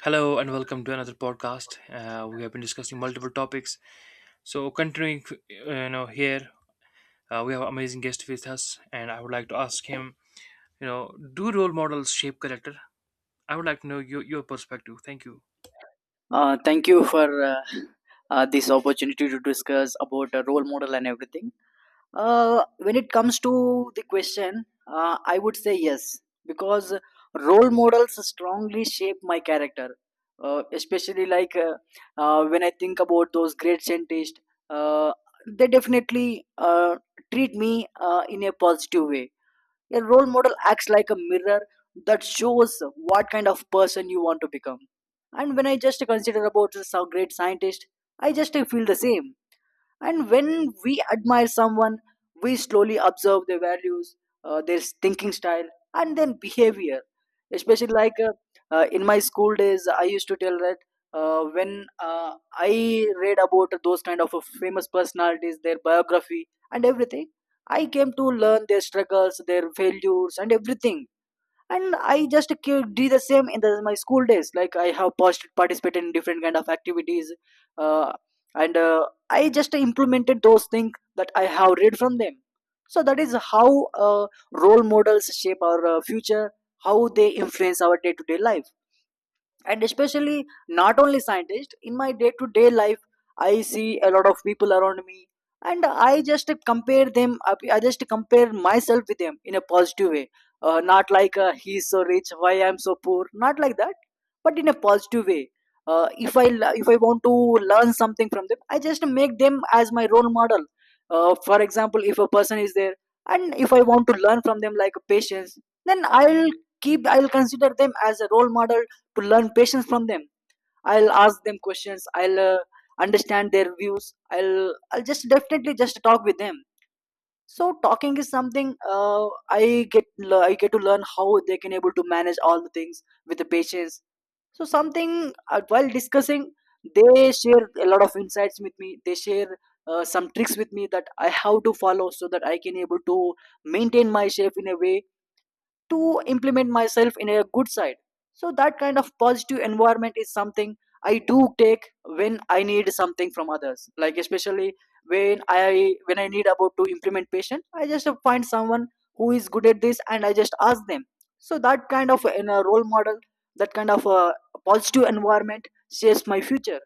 Hello and welcome to another podcast. We have been discussing multiple topics. So continuing, you know, here We have amazing guest with us, and I would like to ask him, you know, do role models shape character? I would like to know your perspective. Thank you. Thank you for this opportunity to discuss about a role model and everything. When it comes to the question, I would say yes because role models strongly shape my character. Especially, like, when I think about those great scientists, uh, they definitely treat me, in a positive way. Your role model acts like a mirror that shows what kind of person you want to become. And when I just consider about this great scientist, I just feel the same. And when we admire someone, we slowly observe their values, their thinking style, and then behavior. Especially, like, in my school days, I used to tell that when I read about those kind of famous personalities, their biography, and everything, I came to learn their struggles, their failures, and everything. And I just did the same in my school days, like I have participated in different kind of activities. Uh, and uh, I just implemented those things that I have read from them. So that is how, role models shape our future, how they influence our day-to-day life. And especially not only scientists; in my day to day life I see a lot of people around me, and I just compare them. I just compare myself with them in a positive way. Not like, he's so rich, why I'm so poor, not like that, but in a positive way. If I want to learn something from them, I just make them as my role model. For example, if a person is there and if I want to learn from them, like patience, then I'll consider them as a role model to learn patience from them. I'll ask them questions, I'll understand their views, I'll just definitely just talk with them. So talking is something, i get I get to learn how they can able to manage all the things with the patience. So something, while discussing, they share a lot of insights with me. They share some tricks with me that I have to follow so that I can able to maintain my shape in a way, to implement myself in a good side. So that kind of positive environment is something I do take when I need something from others, like especially when I need about to implement patient, I just find someone who is good at this, and I just ask them. So that kind of, in a role model, that kind of a positive environment shapes my future.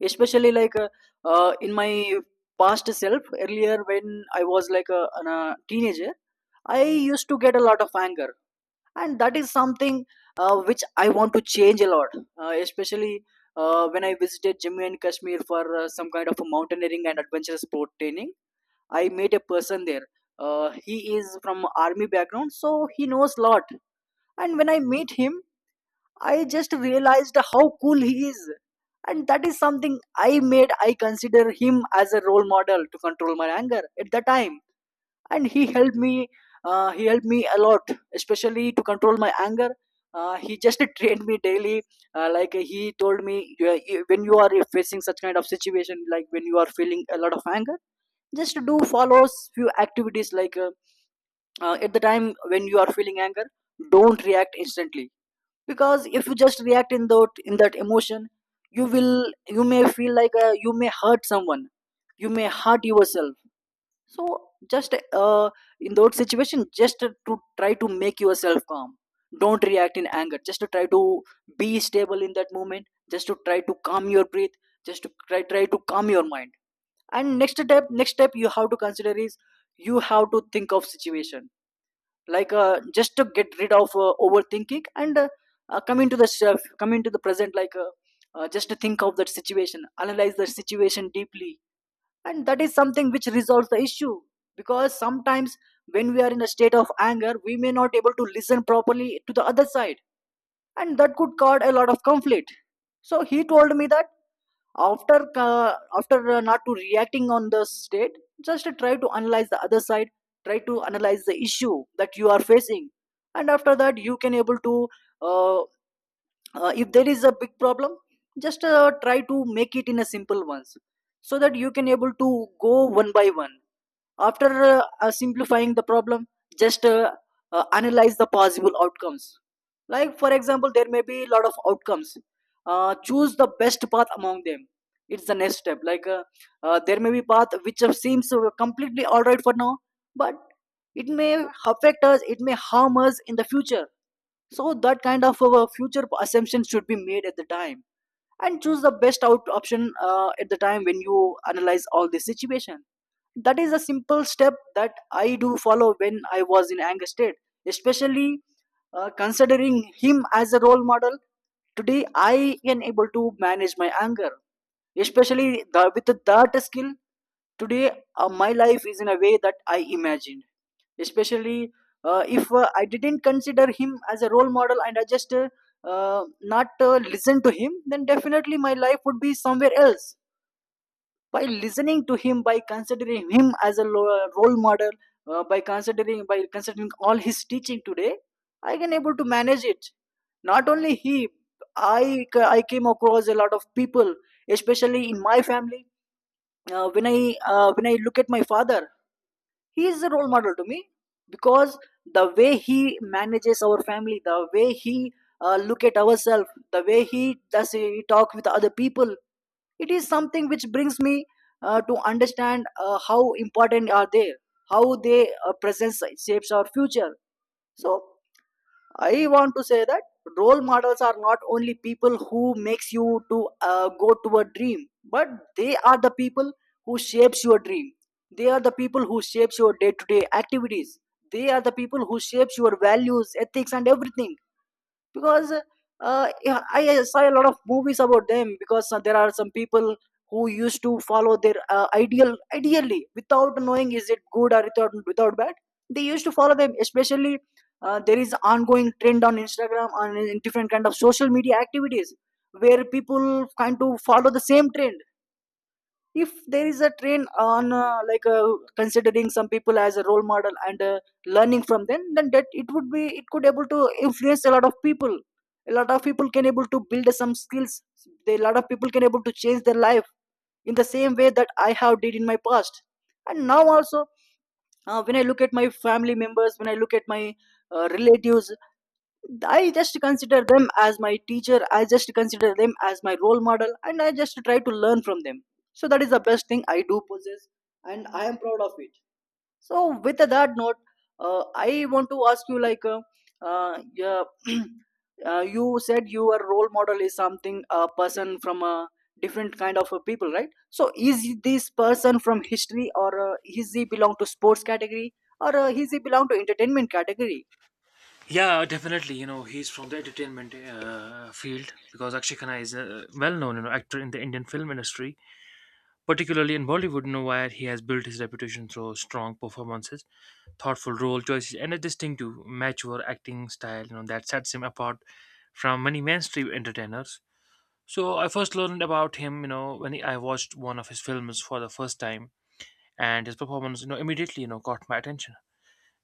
Especially, like, in my past self, earlier when I was like a teenager, I used to get a lot of anger, and that is something, which I want to change a lot. Especially when I visited Jammu and Kashmir for some kind of a mountaineering and adventure sport training, I met a person there. He is from army background, so he knows lot. And when I met him, I just realized how cool he is. And that is something, I consider him as a role model to control my anger at the time. And he helped me, he helped me a lot, especially to control my anger. He just trained me daily. Like, he told me, When you are facing such kind of situation, like when you are feeling a lot of anger, just do follows few activities, like at the time when you are feeling anger, don't react instantly. Because if you just react in that emotion, you will you may feel like, you may hurt someone, you may hurt yourself. So just, in that situation, just to try to make yourself calm. Don't react in anger. Just to try to be stable in that moment. Just to try to calm your breath. Just to try to calm your mind. And next step you have to consider is you have to think of situation, like just to get rid of overthinking, and come into the self, come into the present. Like just to think of that situation, analyze the situation deeply, and that is something which resolves the issue. Because sometimes when we are in a state of anger, we may not able to listen properly to the other side, and that could cause a lot of conflict. So he told me that after not to reacting on the state, just try to analyze the other side, try to analyze the issue that you are facing. And after that you can able to. uh, if there is a big problem, just try to make it in a simple ones, so that you can able to go one by one. After simplifying the problem, just analyze the possible outcomes. Like, for example, there may be a lot of outcomes. Choose the best path among them. It's the next step. Like, there may be path which seems completely all right for now, but it may affect us, it may harm us in the future. So, that kind of future assumptions should be made at the time, and choose the best out option at the time when you analyze all this situation. That is a simple step that I do follow when I was in anger state. Especially considering him as a role model, today I am able to manage my anger, especially with that skill today. My life is in a way that I imagined. Especially, if I didn't consider him as a role model and I just not listen to him, then definitely my life would be somewhere else. By listening to him, by considering him as a role model, by considering all his teaching today, I can able to manage it. Not only he, i I came across a lot of people, especially in my family. When I look at my father, he is a role model to me. Because the way he manages our family, the way he look at ourselves, the way he does he talk with other people, it is something which brings me to understand how important are they, how they presence shapes our future. So I want to say that role models are not only people who makes you to go to a dream, but they are the people who shapes your dream. They are the people who shapes your day to day activities. They are the people who shapes your values, ethics, and everything. Because, yeah, I saw a lot of movies about them, because there are some people who used to follow their ideal ideally without knowing is it good or without bad. They used to follow them, especially there is ongoing trend on Instagram and in different kind of social media activities where people kind to follow the same trend. If there is a train on like, considering some people as a role model and learning from them, then that it would be it could able to influence a lot of people. A lot of people can able to build some skills. A lot of people can able to change their life in the same way that I have did in my past. And now also, when I look at my family members, when I look at my relatives, I just consider them as my teacher, I just consider them as my role model, and I just try to learn from them. So that is the best thing I do possess, and I am proud of it. So, with that note, I want to ask you, like, yeah, you said your role model is something a person from a different kind of a people, right? So, is this person from history, or is he belong to sports category, or is he belong to entertainment category? Yeah, definitely. You know, he's from the entertainment field because Akshay Khanna is a well-known, you know, actor in the Indian film industry, particularly in Bollywood, you know, where he has built his reputation through strong performances, thoughtful role choices, and a distinctive mature acting style, you know, that sets him apart from many mainstream entertainers. So I first learned about him, you know, when I watched one of his films for the first time, and his performance, you know, immediately, you know, caught my attention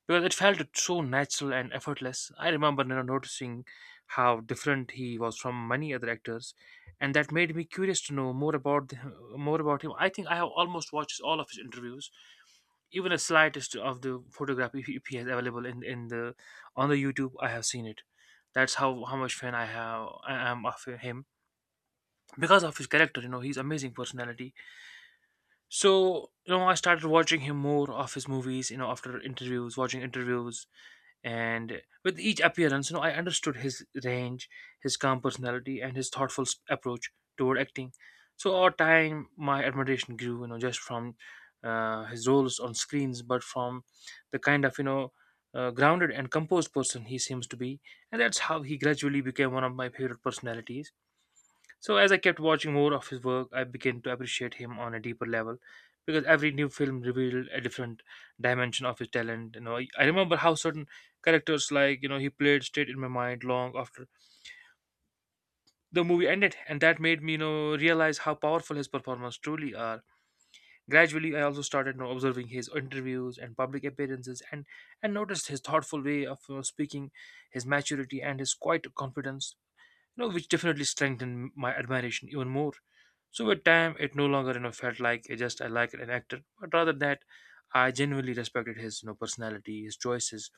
because it felt so natural and effortless. I remember, you know, noticing how different he was from many other actors, and that made me curious to know more about more about him. I think I have almost watched all of his interviews. Even a slightest of the photograph, if he has available in the on the YouTube, I have seen it. That's how much fan I am of him because of his character. You know, he's amazing personality. So you know, I started watching him more of his movies. You know, after interviews, watching interviews, and with each appearance, you know, I understood his range, his calm personality, and his thoughtful approach toward acting. So over time my admiration grew, you know, just from his roles on screens, but from the kind of, you know, grounded and composed person he seems to be, and that's how he gradually became one of my favorite personalities. So, as I kept watching more of his work, I began to appreciate him on a deeper level because every new film revealed a different dimension of his talent. You know, I remember how certain characters, like you know, he played stayed in my mind long after the movie ended, and that made me, you know, realize how powerful his performances truly are. Gradually, I also started, you know, observing his interviews and public appearances, and noticed his thoughtful way of, you know, speaking, his maturity, and his quiet confidence. You know, which definitely strengthened my admiration even more. So with time, it no longer, you know, felt like it just I like an actor, but rather that I genuinely respected his, you know, personality, his choices,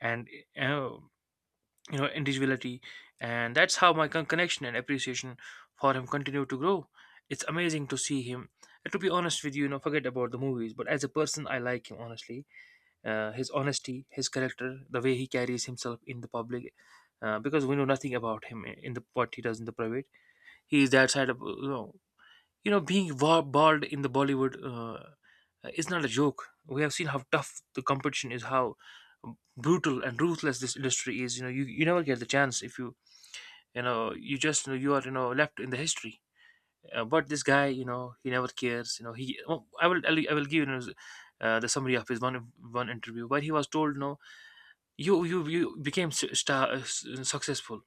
and uh, you know, individuality, and that's how my connection and appreciation for him continued to grow. It's amazing to see him. And to be honest with you, you know, forget about the movies, but as a person, I like him honestly. His honesty, his character, the way he carries himself in the public, because we know nothing about him in the what he does in the private. He is that side of you know, you know, being bald in the Bollywood is not a joke. We have seen how tough the competition is, how brutal and ruthless this industry is. You know, you never get the chance if you are, you know, left in the history. But this guy, you know, he never cares. You know, he oh, I will give you. You know, the summary of his one interview where he was told no, you became star, successful,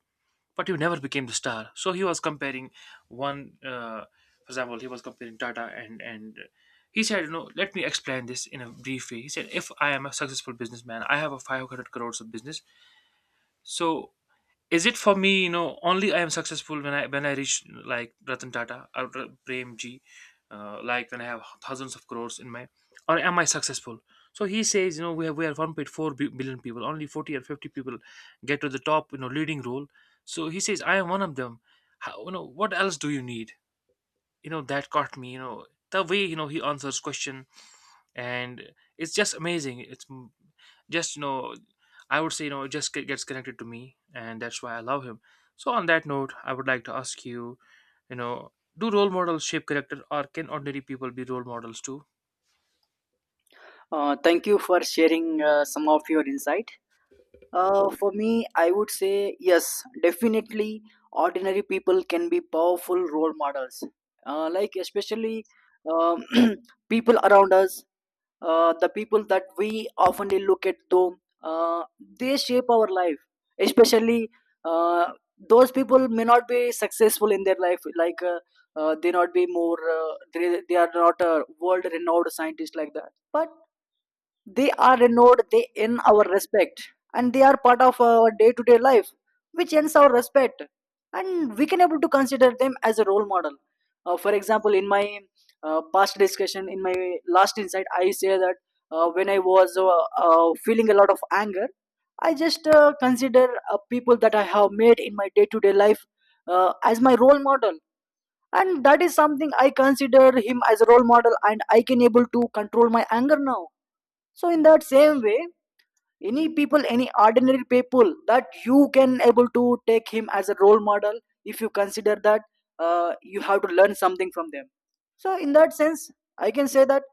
but he never became the star. So he was comparing one, for example, he was comparing Tata and he said, you know, let me explain this in a brief way. He said, if I am a successful businessman, I have a 500 crores of business. So is it for me, you know, only I am successful when I reach like Ratan Tata or Prem G, like when I have thousands of crores in my, or am I successful? So he says, you know, we are 1.4 billion people, only 40 or 50 people get to the top, you know, leading role. So he says I am one of them. How, you know, what else do you need? You know, that caught me, you know, the way, you know, he answers question. And it's just amazing. It's m- just You know, I would say, you know, it just gets connected to me, and that's why I love him. So, on that note, I would like to ask you, you know, do role models shape character, or can ordinary people be role models too? Thank you for sharing some of your insight. For me, I would say yes, definitely. Ordinary people can be powerful role models, like especially, um, people around us, the people that we often look at them. They shape our life, especially uh, those people may not be successful in their life, like they not be more, they are not a world renowned scientist like that, but they are renowned; they in our respect and they are part of our day-to-day life which earns our respect and we can able to consider them as a role model. For example, in my past discussion, in my last insight, I say that when I was feeling a lot of anger, I just consider people that I have made in my day-to-day life as my role model, and that is something I consider him as a role model and I can able to control my anger now. So in that same way, any people, any ordinary people that you can able to take him as a role model, if you consider that you have to learn something from them. So in that sense, I can say that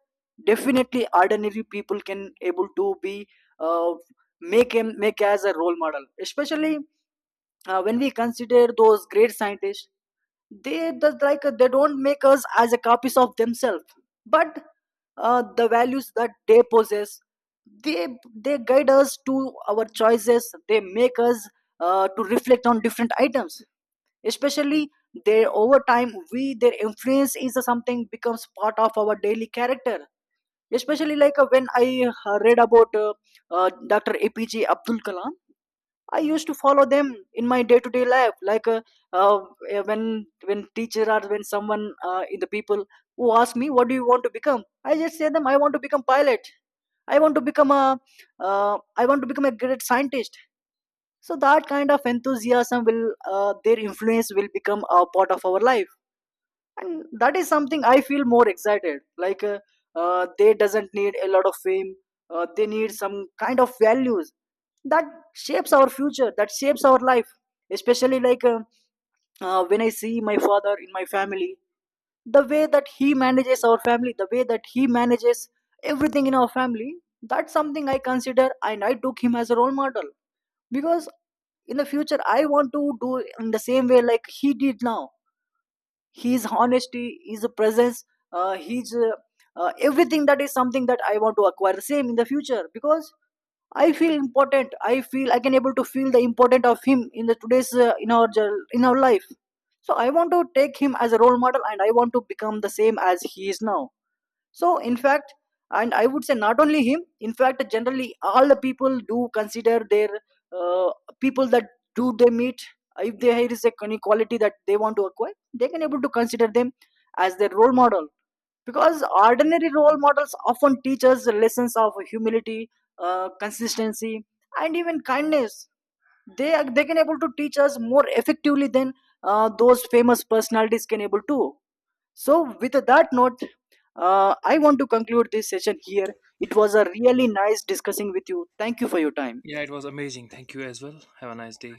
definitely ordinary people can able to be, uh, make him make as a role model, especially when we consider those great scientists. They just like they don't make us as a copies of themselves, but the values that they possess, they they guide us to our choices, they make us to reflect on different items. Especially their over time, we their influence is something becomes part of our daily character, especially like when I read about Dr. APJ Abdul Kalam I used to follow them in my day-to-day life, like uh, when teacher or when someone in the people who ask me, "What do you want to become?" I just say them, "I want to become pilot. I want to become a I want to become a great scientist." So that kind of enthusiasm will their influence will become a part of our life, and that is something I feel more excited, like they doesn't need a lot of fame. They need some kind of values that shapes our future, that shapes our life, especially like when I see my father in my family, the way that he manages our family, the way that he manages everything in our family, that's something I consider and I took him as a role model. Because in the future I want to do in the same way like he did now, his honesty, his presence, his everything, that is something that I want to acquire the same in the future. Because I feel important, I feel I can able to feel the important of him in the today's, in our in our life. So I want to take him as a role model and I want to become the same as he is now. So, in fact, and I would say not only him, in fact, generally all the people do consider their uh, people that do they meet, if there is a any quality that they want to acquire, they can able to consider them as their role model. Because ordinary role models often teach us the lessons of humility, consistency, and even kindness. They can able to teach us more effectively than those famous personalities can able to. So, with that note, I want to conclude this session here. It was a really nice discussing with you. Thank you for your time. Yeah, it was amazing. Thank you as well. Have a nice day.